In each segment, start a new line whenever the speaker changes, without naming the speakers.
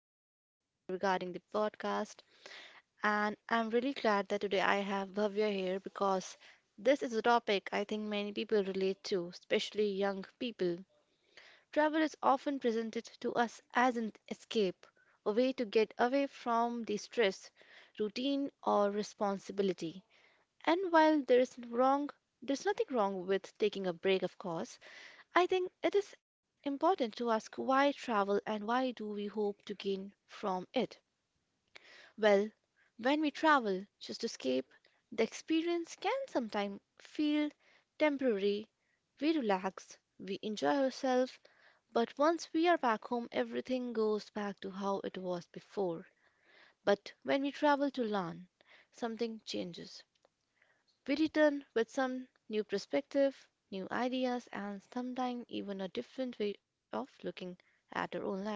joining us today regarding the podcast. And I'm really glad that today I have Bhavya here because this is a topic I think many people relate to, especially young people. Travel is often presented to us as an escape, a way to get away from the stress, routine, or responsibility. And while there is wrong, there's nothing wrong with taking a break, of course. I think it is important to ask why travel and why do we hope to gain from it? Well, when we travel just to escape, the experience can sometimes feel temporary. We relax, we enjoy ourselves, but once we are back home, everything goes back to how it was before. But when we travel to learn, something changes. We return with some new perspective, new ideas, and sometimes even a different way of looking at our own life.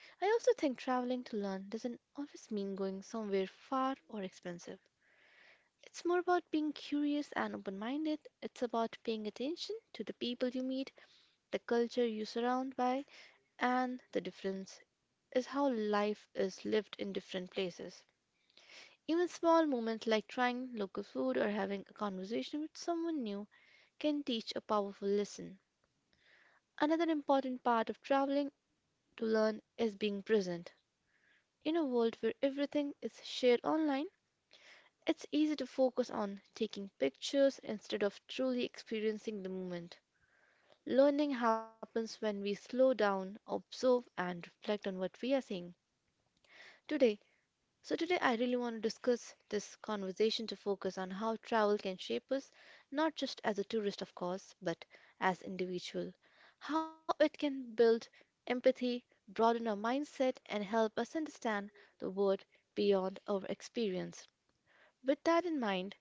I also think traveling to learn doesn't always mean going somewhere far or expensive. It's more about being curious and open minded. It's about paying attention to the people you meet, the culture you surround by, and the difference is how life is lived in different places. Even small moments like trying local food or having a conversation with someone new can teach a powerful lesson. Another important part of traveling to learn is being present. In a world where everything is shared online, it's easy to focus on taking pictures instead of truly experiencing the moment. Learning happens when we slow down, observe, and reflect on what we are seeing. Today, So, today I really want to discuss this conversation to focus on how travel can shape us, not just as a tourist, of course, but as individual. How it can build empathy, broaden our mindset, and help us understand the world beyond our experience. With that in mind,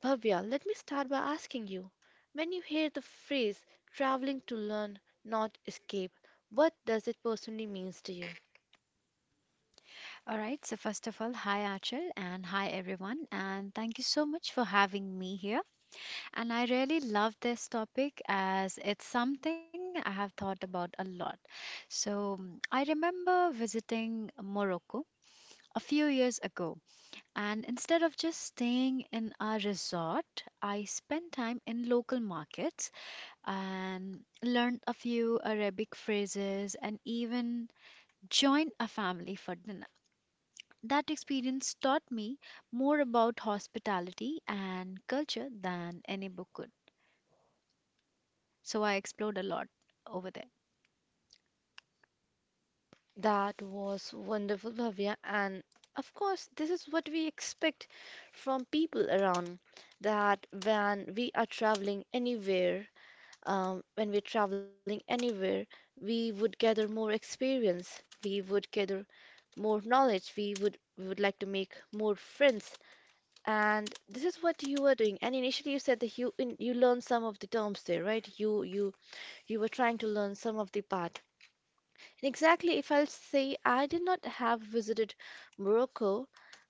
Bhavya, let me start by asking you when you hear the phrase traveling to learn, not escape, what does it personally means to you?
All right, so first of all, hi Achal and hi everyone, and thank you so much for having me here. And I really love this topic as it's something I have thought about a lot. So I remember visiting Morocco a few years ago, and instead of just staying in a resort, I spent time in local markets and learned a few Arabic phrases and even joined a family for dinner. That experience taught me more about hospitality and culture than any book could. So I explored a lot over there.
That was wonderful, Bhavya. And of course, this is what we expect from people around that when we are traveling anywhere, when we're traveling anywhere, we would gather more experience, we would gather more knowledge, we would like to make more friends. And this is what you were doing. And initially, you said that you learned some of the terms there, right? You were trying to learn some of the parts. Exactly, if I'll say I did not have visited Morocco,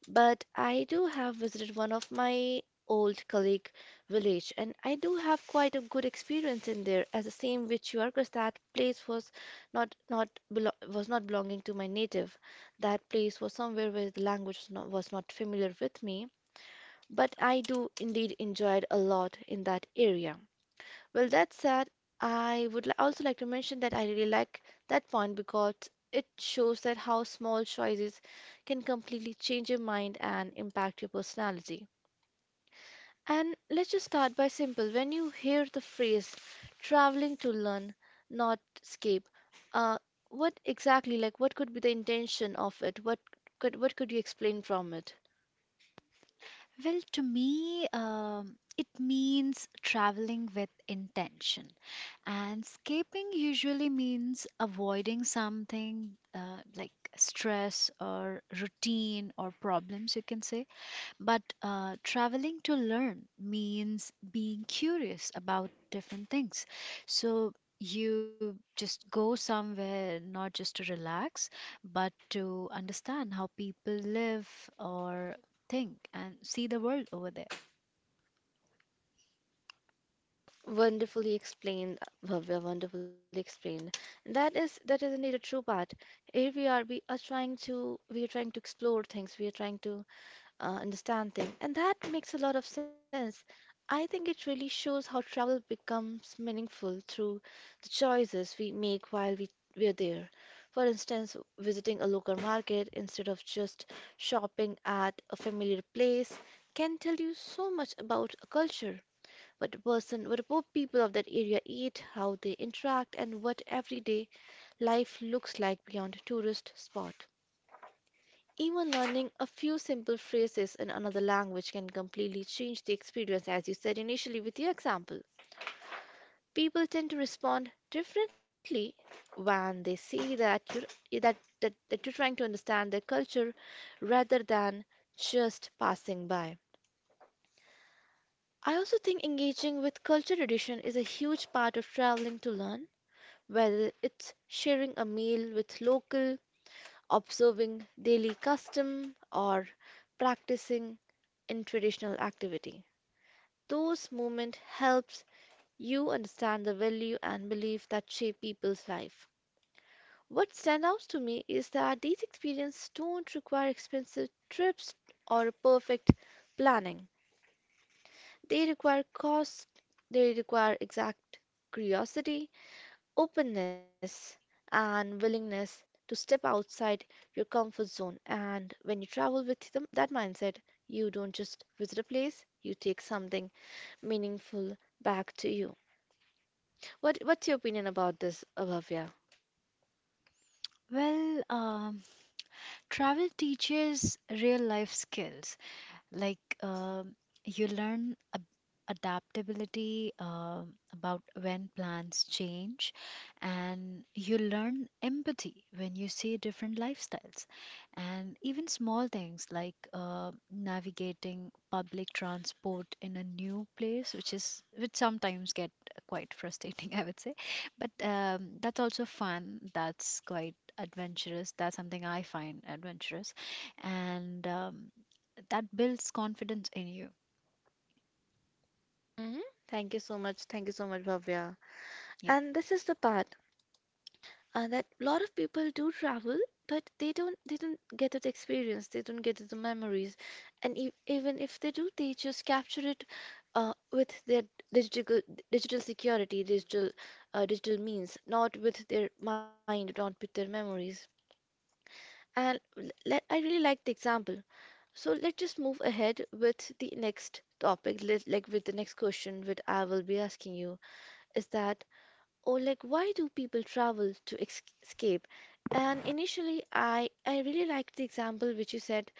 but I do have visited one of my old colleague village, and I do have quite a good experience in there as the same which you are, because that place was not not belo was not belonging to my native. That place was somewhere where the language was not familiar with me, but I do indeed enjoyed a lot in that area. Well, that said, also like to mention that I really like that point because it shows that how small choices can completely change your mind and impact your personality. And let's just start by simple. When you hear the phrase traveling to learn, not escape, uh, what exactly, like, what could be the intention of it? What could you explain from it?
Well, to me, it means traveling with intention. And escaping usually means avoiding something like stress or routine or problems, you can say. But traveling to learn means being curious about different things. So you just go somewhere not just to relax, but to understand how people live or think and see the world over there.
Wonderfully explained, Bhavya, wonderfully explained. And that is indeed a true part. Here we are, we are trying to explore things, we are trying to understand things, and that makes a lot of sense. I think it really shows how travel becomes meaningful through the choices we make while we are there. For instance, visiting a local market instead of just shopping at a familiar place can tell you so much about a culture what a poor people of that area eat, how they interact, and what everyday life looks like beyond tourist spot. Even learning a few simple phrases in another language can completely change the experience, as you said initially with your example. People tend to respond differently when they see that you're trying to understand their culture rather than just passing by. I also think engaging with culture tradition is a huge part of traveling to learn whether it's sharing a meal with local, observing daily custom, or practicing in traditional activity. Those moments helps you understand the value and belief that shape people's life. What stands out to me is that these experiences don't require expensive trips or perfect planning. They require cost, they require exact curiosity, openness and willingness to step outside your comfort zone. And when you travel with them, that mindset, you don't just visit a place, you take something meaningful back to you. What's your opinion about this, Bhavya?
Well, travel teaches real life skills. Like uh, you adaptability about when plans change, and you learn empathy when you see different lifestyles, and even small things like navigating public transport in a new place, which sometimes get quite frustrating, I would say. But that's also fun. That's quite adventurous. That's something I find adventurous, and that builds confidence in you.
Hmm. Thank you so much. Thank you so much, Bhavya.
Yeah.
And this is the part that a lot of people do travel, but they don't get that experience. They don't get the memories, and e even if they do, they just capture it with their digital digital security, digital digital means, not with their mind, not with their memories. And I really like the example. So let's just move ahead with the next topic, like with the next question, which I will be asking you, is that or like why do people travel to escape? And initially, I really liked the example which you said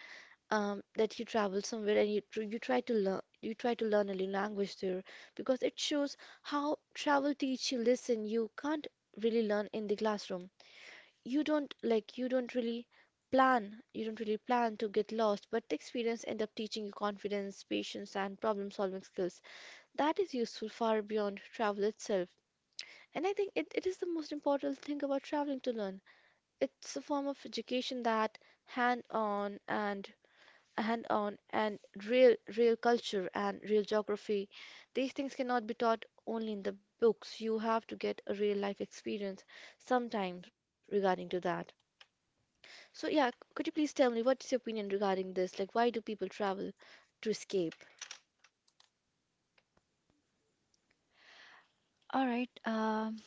that you travel somewhere and you try to learn a new language there because it shows how travel teach you listen. You can't really learn in the classroom. You don't like you don't really you don't really plan to get lost but the experience end up teaching you confidence patience and problem solving skills that is useful far beyond travel itself and I think it is the most important thing about traveling to learn. It's a form of education that hand-on and hand-on and real culture and real geography. These things cannot be taught only in the books. You have to get a real life experience sometimes regarding to that. So yeah, could you please tell me what's your opinion regarding this? Like why do people travel to escape?
All right.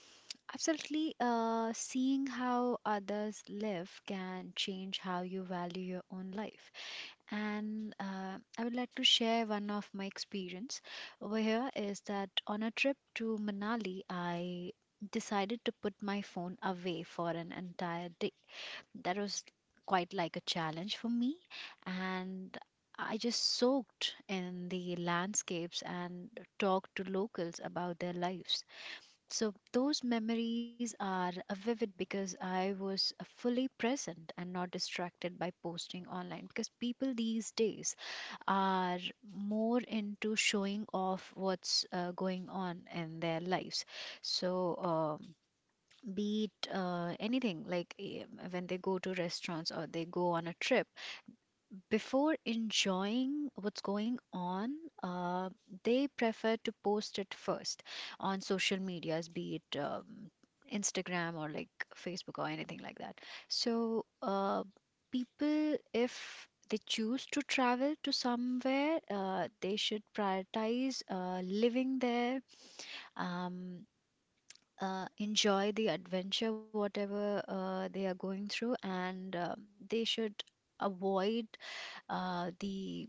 Absolutely. Seeing how others live can change how you value your own life. And I would like to share one of my experience over here is that on a trip to Manali, I decided to put my phone away for an entire day. That was quite like a challenge for me, and I just soaked in the landscapes and talked to locals about their lives. So those memories are vivid because I was fully present and not distracted by posting online, because people these days are more into showing off what's going on in their lives. So be it anything like when they go to restaurants or they go on a trip, before enjoying what's going on, uh, they prefer to post it first on social medias, be it Instagram or like Facebook or anything like that. So people, if they choose to travel to somewhere, they should prioritize living there, um, enjoy the adventure, whatever they are going through, and they should avoid the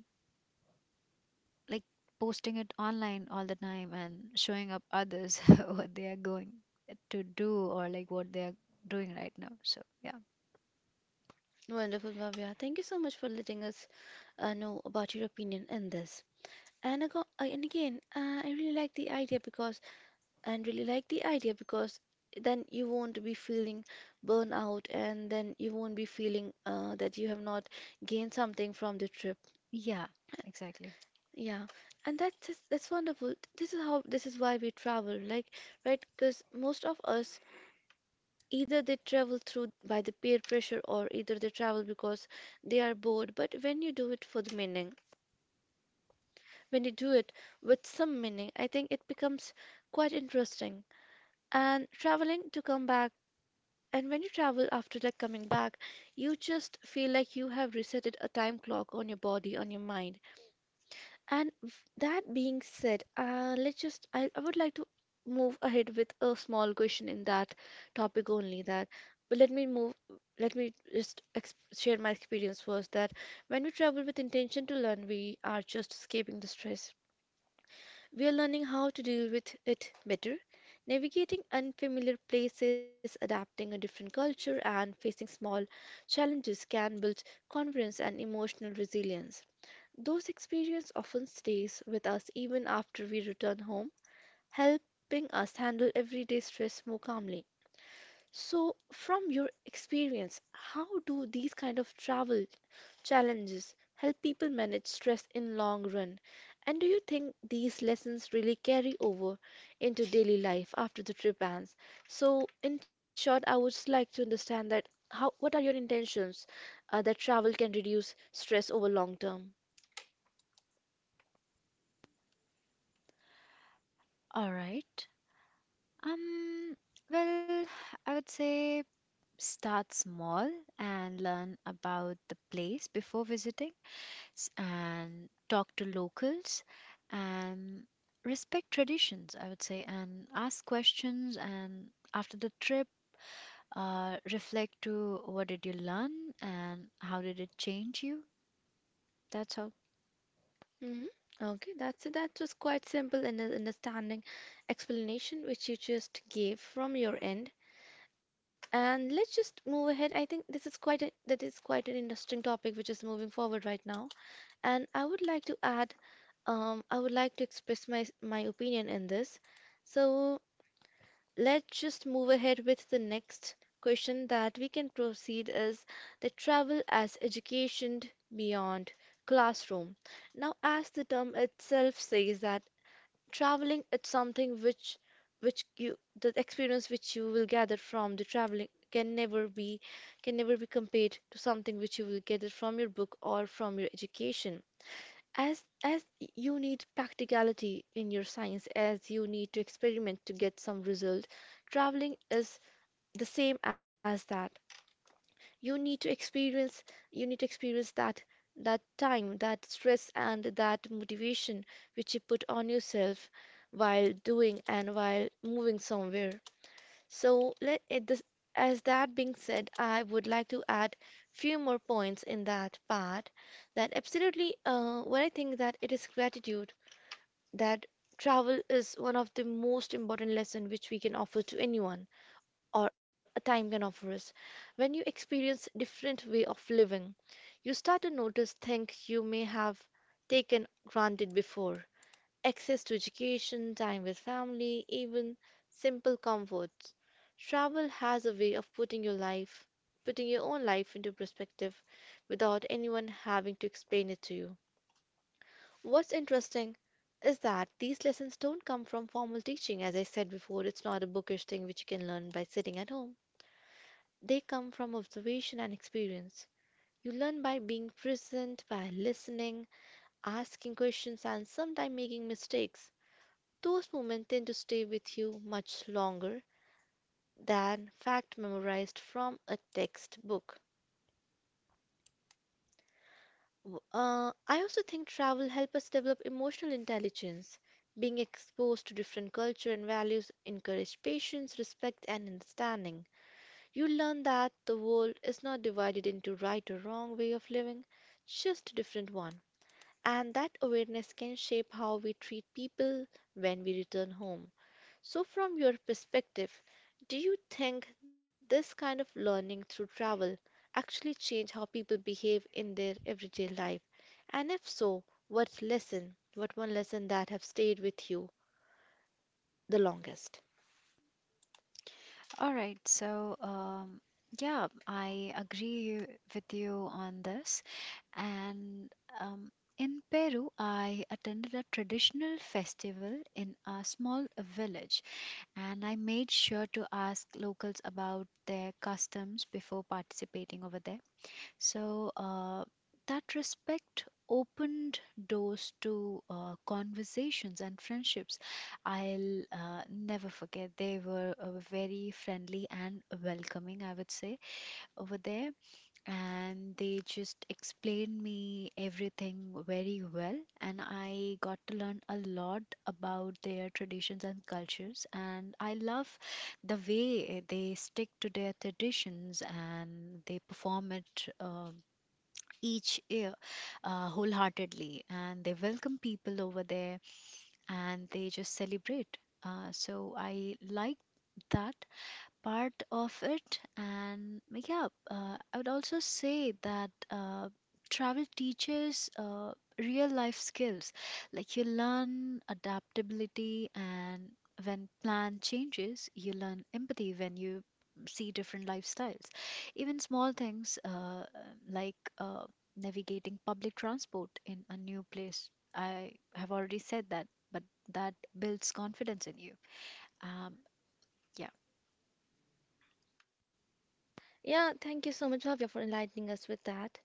like posting it online all the time and showing up others what they are going to do or like what they are doing right now. So, yeah,
Wonderful, Bhavya. Thank you so much for letting us know about your opinion in this. And, ago, and again, I really like the idea because then you won't be feeling burnout and then you won't be feeling that you have not gained something from the trip.
yeah, exactly.
Yeah, and that's wonderful. This is why we travel, like, right? Because most of us either they travel through by the peer pressure or either they travel because they are bored. But when you do it for the meaning, when you do it with some meaning, I think it becomes quite interesting. And traveling to come back. And when you travel after like coming back, you just feel like you have resetted a time clock on your body, on your mind. And that being said, let's just I would like to move ahead with a small question in that topic only that but let me just ex share my experience first that when we travel with intention to learn we are just escaping the stress we are learning how to deal with it better, navigating unfamiliar places, adapting a different culture, and facing small challenges can build confidence and emotional resilience. Those experiences often stays with us even after we return home, helping us handle everyday stress more calmly. So, from your experience, how do these kind of travel challenges help people manage stress in long run? And do you think these lessons really carry over into daily life after the trip ends? So, in short, I would just like to understand that how what are your intentions that travel can reduce stress over long term?
All right. Um, well, I would say start small and learn about the place before visiting and talk to locals and respect traditions, I would say, and ask questions. And after the trip, reflect to what did you learn and how did it change you? That's all.
Hmm. Okay, that's it. That was quite simple and an understanding explanation which you just gave from your end. And let's just move ahead. I think this is that is quite an interesting topic which is moving forward right now. And I would like to add, I would like to express my opinion in this. So let's just move ahead with the next question that we can proceed is the travel as education beyond classroom. Now, as the term itself says that traveling it's something which you the experience which you will gather from the traveling can never be compared to something which you will gather from your book or from your education as you need practicality in your science as you need to experiment to get some result, traveling is the same as that. you need to experience you need to experience that, that time, that stress and that motivation which you put on yourself while doing and while moving somewhere. So let it this, as that being said, I would like to add few more points in that part, that absolutely what I think that it is gratitude, that travel is one of the most important lesson which we can offer to anyone or a time can offer us. When you experience different way of living, you start to notice things you may have taken granted before: access to education, time with family, even simple comforts. Travel has a way of putting your own life into perspective without anyone having to explain it to you. What's interesting is that these lessons don't come from formal teaching. As I said before, it's not a bookish thing which you can learn by sitting at home. They come from observation and experience. You learn by being present, by listening, asking questions, and sometimes making mistakes. Those moments tend to stay with you much longer than fact memorized from a textbook. I also think travel helps us develop emotional intelligence. Being exposed to different culture and values encourage patience, respect, and understanding. You learn that the world is not divided into right or wrong way of living, just a different one. And that awareness can shape how we treat people when we return home. So, from your perspective, do you think this kind of learning through travel actually change how people behave in their everyday life? And if so, what lesson, what one lesson that have stayed with you the longest?
All right. So, yeah, I agree with you on this. And um, in Peru, I attended a traditional festival in a small village. And I made sure to ask locals about their customs before participating over there. So that respect opened doors to conversations and friendships. I'll never forget. They were very friendly and welcoming, I would say, over there, and they just explained me everything very well, and I got to learn a lot about their traditions and cultures, and I love the way they stick to their traditions and they perform it each year, wholeheartedly, and they welcome people over there and they just celebrate. So I like that part of it. And yeah, I would also say that travel teaches real life skills. Like you learn adaptability, and when plan changes, you learn empathy when you see different lifestyles. Even small things like navigating public transport in a new place. I have already said that, but that builds confidence in you. Um, yeah.
Yeah, thank you so much, Bhavya, for enlightening us with that.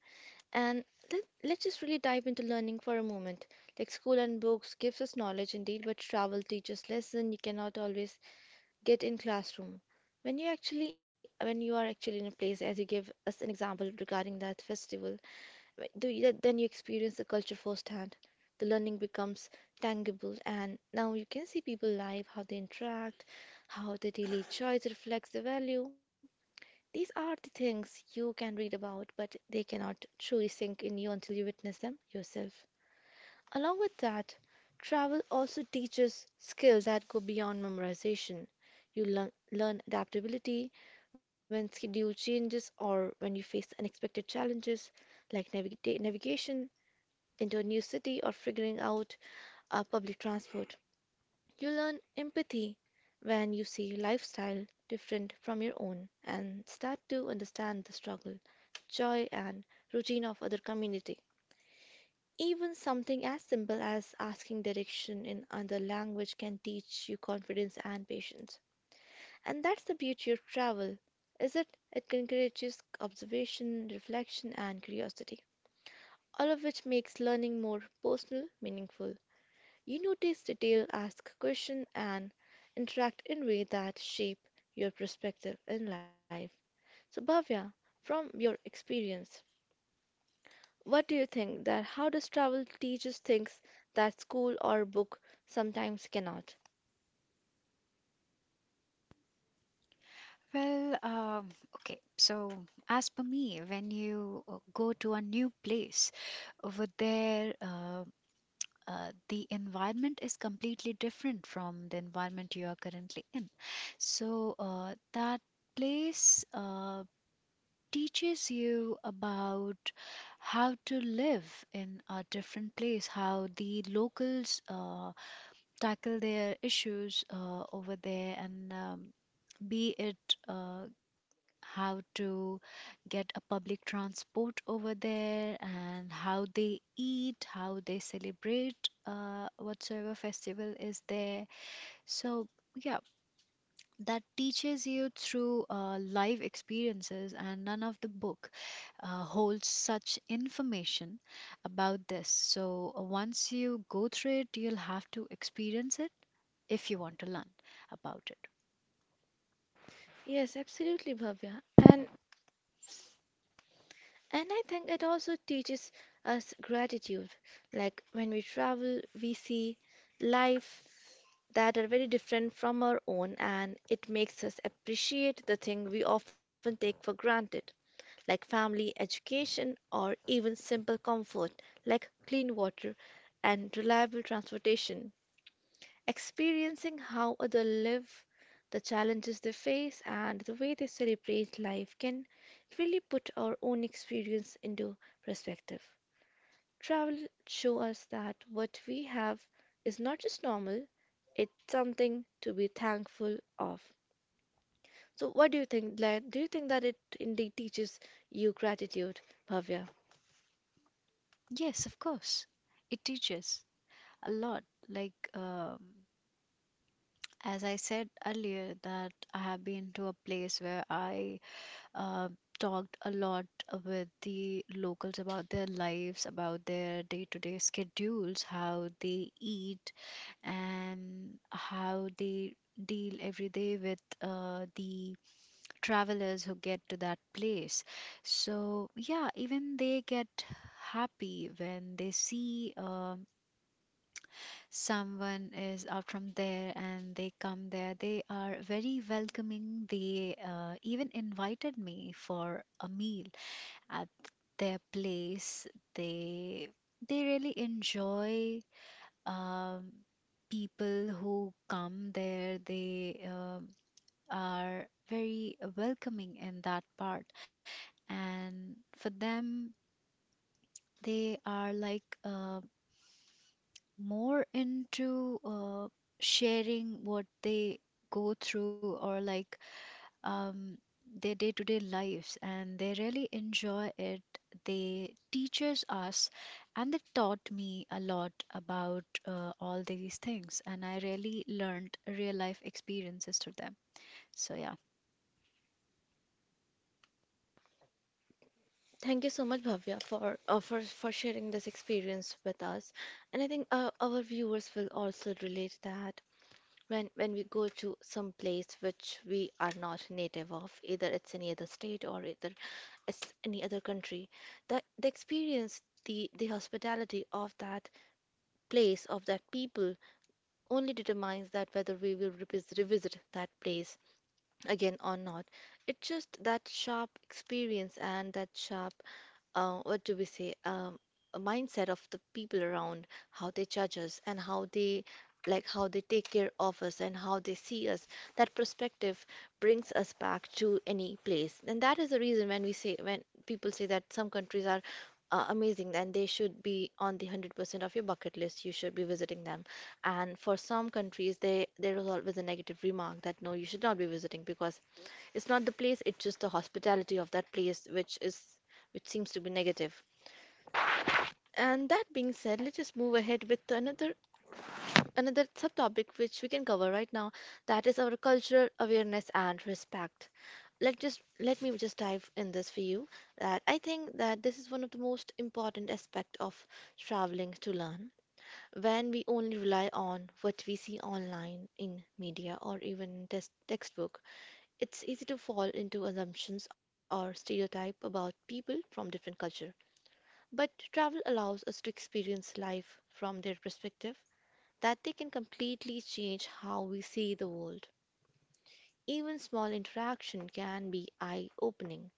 And let's just really dive into learning for a moment. Like school and books gives us knowledge indeed, but travel teaches lesson you cannot always get in classroom. When you are actually in a place, as you gave us an example regarding that festival, then you experience the culture firsthand. The learning becomes tangible, and now you can see people live, how they interact, how their daily choice reflects the value. These are the things you can read about, but they cannot truly sink in you until you witness them yourself. Along with that, travel also teaches skills that go beyond memorization. You learn adaptability when schedule changes or when you face unexpected challenges, like navigation into a new city or figuring out public transport. You learn empathy when you see lifestyle different from your own and start to understand the struggle, joy and routine of other community. Even something as simple as asking direction in another language can teach you confidence and patience. And that's the beauty of travel, is it? It encourages observation, reflection and curiosity, all of which makes learning more personal, meaningful. You notice detail, ask questions, and interact in ways that shape your perspective in life. So, Bhavya, from your experience, what do you think that how does travel teach us things that school or book sometimes cannot?
Well, okay. So, as per me, when you go to a new place over there, the environment is completely different from the environment you are currently in. So, that place teaches you about how to live in a different place, how the locals tackle their issues over there, and be it uh, how to get a public transport over there and how they eat, how they celebrate whatsoever festival is there. So, yeah, that teaches you through live experiences, and none of the book holds such information about this. So, once you go through it, you'll have to experience it if you want to learn about it.
Yes, absolutely, Bhavya. And I think it also teaches us gratitude. Like when we travel, we see life that are very different from our own, and it makes us appreciate the thing we often take for granted, like family, education, or even simple comfort, like clean water and reliable transportation. Experiencing how others live, the challenges they face, and the way they celebrate life can really put our own experience into perspective. Travel show us that what we have is not just normal, it's something to be thankful of. So what do you think, Glenn? Do you think that it indeed teaches you gratitude, Bhavya?
Yes, of course. It teaches a lot. Like, as I said earlier, that I have been to a place where I uh, talked a lot with the locals about their lives, about their day to day schedules, how they eat, and how they deal every day with the travelers who get to that place. So, yeah, even they get happy when they see. Someone is out from there and they come there, they are very welcoming. They even invited me for a meal at their place. They they really enjoy, um, people who come there, they are very welcoming in that part, and for them, they are like more into sharing what they go through, or like um, their day-to-day lives, and they really enjoy it. They teaches us, and they taught me a lot about all these things, and I really learned real life experiences through them. So yeah.
Thank you so much, Bhavya, for for sharing this experience with us, and I think our viewers will also relate that. When we go to some place which we are not native of, either it's any other state or either it's any other country, the experience, the hospitality of that place, of that people, only determines that whether we will revisit that place again or not. It's just that sharp experience and that sharp what do we say, a mindset of the people around, how they judge us, and how they like how they take care of us and how they see us. That perspective brings us back to any place, and that is the reason when we say when people say that some countries are uh, amazing, then they should be on the 100% of your bucket list. You should be visiting them. And for some countries, they there is always a negative remark that no, you should not be visiting because it's not the place, it's just the hospitality of that place which is which seems to be negative. And that being said, let's just move ahead with another subtopic which we can cover right now. That is our cultural awareness and respect. Let me just dive in this for you. That I think that this is one of the most important aspect of traveling to learn. When we only rely on what we see online in media or even test textbook, it's easy to fall into assumptions or stereotype about people from different culture, but travel allows us to experience life from their perspective that they can completely change how we see the world. Even small interaction can be eye-opening.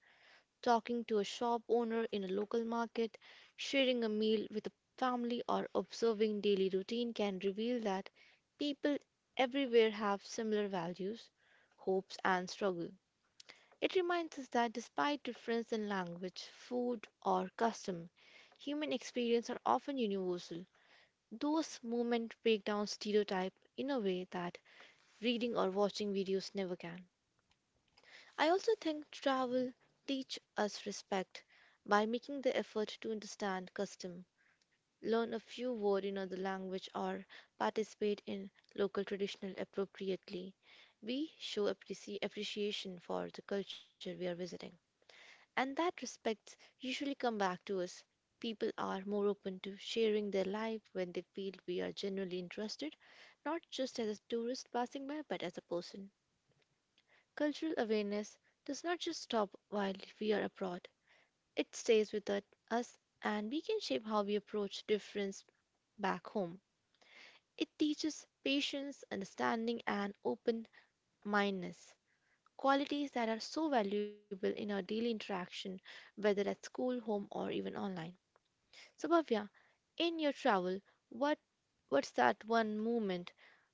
Talking to a shop owner in a local market, sharing a meal with a family or observing daily routine can reveal that people everywhere have similar values, hopes and struggle. It reminds us that despite difference in language, food, or custom, human experience are often universal. Those moments break down stereotype in a way that reading or watching videos never can. I also think travel teach us respect by making the effort to understand custom, learn a few words in other language or participate in local traditional appropriately. We show appreciation for the culture we are visiting. And that respects usually come back to us. People are more open to sharing their life when they feel we are genuinely interested, not just as a tourist passing by, but as a person. Cultural awareness does not just stop while we are abroad, it stays with us, and we can shape how we approach difference back home. It teaches patience, understanding, and open mindedness, qualities that are so valuable in our daily interaction, whether at school, home, or even online. So Bhavya, in your travel, what what's that one moment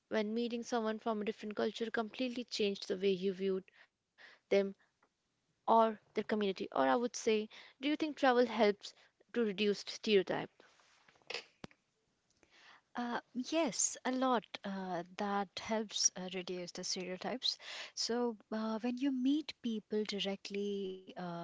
when meeting someone from a different culture completely changed the way you viewed them or their community? Or I would say, do you think travel helps to reduce stereotype?
Yes, a lot that helps reduce the stereotypes. So, when you meet people directly,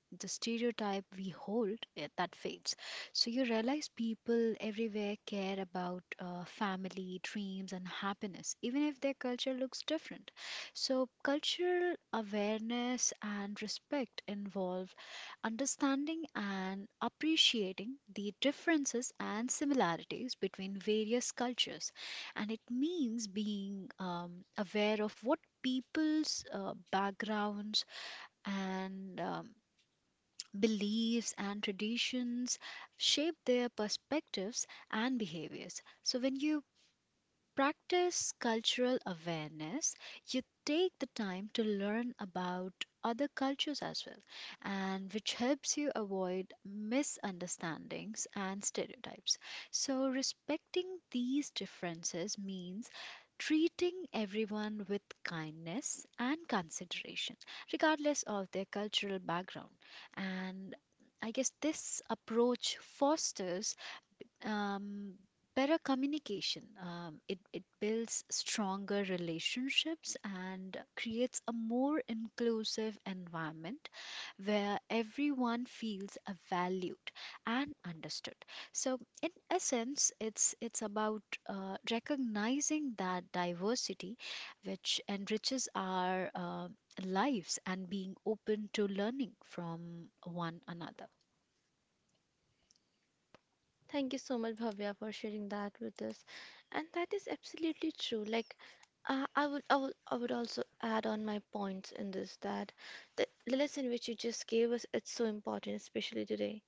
the stereotype we hold that fades. So you realize people everywhere care about family, dreams, and happiness, even if their culture looks different. So cultural awareness and respect involve understanding and appreciating the differences and similarities between various cultures, and it means being aware of what people's backgrounds and beliefs and traditions shape their perspectives and behaviors. So when you practice cultural awareness, you take the time to learn about other cultures as well, and which helps you avoid misunderstandings and stereotypes. So, respecting these differences means treating everyone with kindness and consideration, regardless of their cultural background. And I guess this approach fosters um, better communication. It builds stronger relationships and creates a more inclusive environment where everyone feels valued and understood. So, in essence, it's about recognizing that diversity, which enriches our lives, and being open to learning from one another.
Thank you so much, Bhavya, for sharing that with us. And that is absolutely true. Like, I would also add on my points in this that the lesson which you just gave us, it's so important, especially today.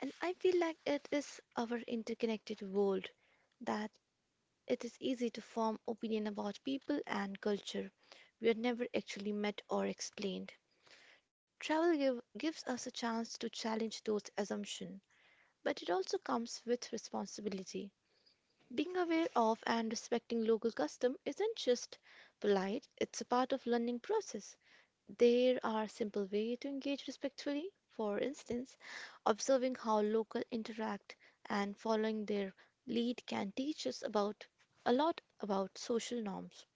And I feel like it is our interconnected world that it is easy to form opinion about people and culture we had never actually met or explained. Gives us a chance to challenge those assumptions, but it also comes with responsibility. Being aware of and respecting local custom isn't just polite, it's a part of learning process. There are simple ways to engage respectfully, for instance, observing how locals interact and following their lead can teach us about a lot about social norms.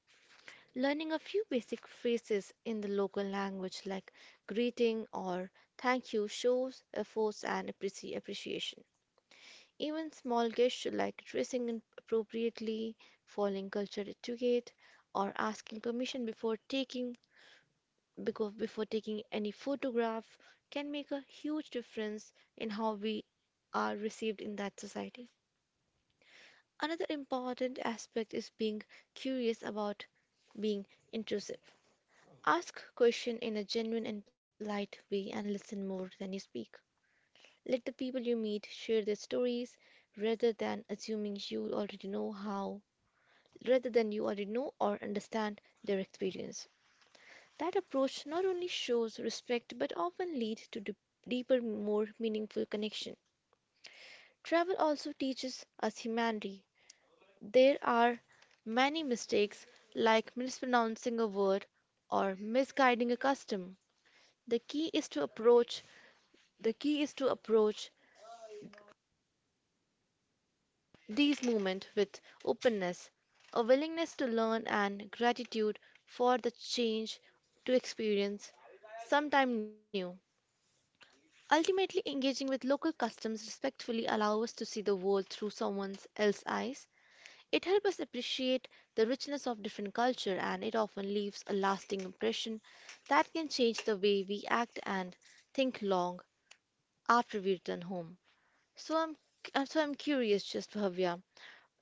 Learning a few basic phrases in the local language, like greeting or thank you, shows effort and appreciation. Even small gestures like dressing appropriately, following culture etiquette, or asking permission before taking any photograph can make a huge difference in how we are received in that society. Another important aspect is being curious about being intrusive. Ask question in a genuine and polite way and listen more than you speak. Let the people you meet share their stories rather than assuming you already know how rather than you already know or understand their experience. That approach not only shows respect but often leads to deeper, more meaningful connection. Travel also teaches us humanity. There are many mistakes, like mispronouncing a word or misguiding a custom. The key is to approach the key is to approach these moments with openness, a willingness to learn and gratitude for the change to experience sometime new. Ultimately, engaging with local customs respectfully allows us to see the world through someone else's eyes. It helps us appreciate the richness of different culture and it often leaves a lasting impression that can change the way we act and think long after we return home. So I'm curious just Bhavya,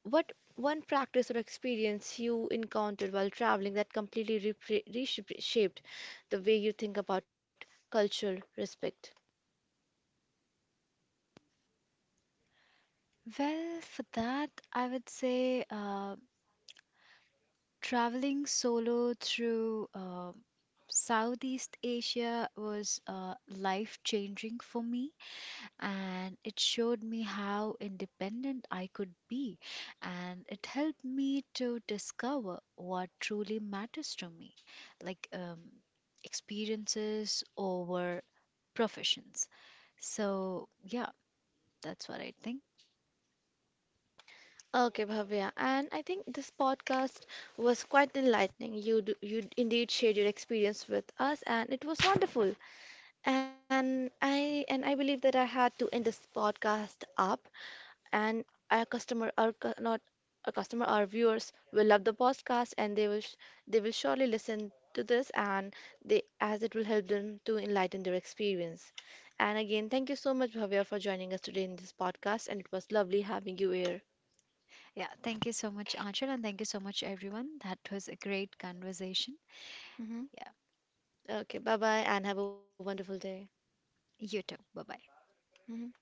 what one practice or experience you encountered while traveling that completely reshaped the way you think about cultural respect?
Well, for that, I would say. Traveling solo through Southeast Asia was life changing for me, and it showed me how independent I could be, and it helped me to discover what truly matters to me, like experiences over professions. So, yeah, that's what I think.
Okay, Bhavya, and I think this podcast was quite enlightening. You do, you indeed shared your experience with us, and it was wonderful. And I believe that I had to end this podcast up, and our customer, our not our customer, our viewers will love the podcast, and they will surely listen to this, and they as it will help them to enlighten their experience. And again, thank you so much, Bhavya, for joining us today in this podcast, and it was lovely having you here.
Yeah, thank you so much, Anshul, and thank you so much, everyone. That was a great conversation.
Mhm.
Yeah,
Okay, bye bye and have a wonderful day.
you too. Bye bye.
Mhm.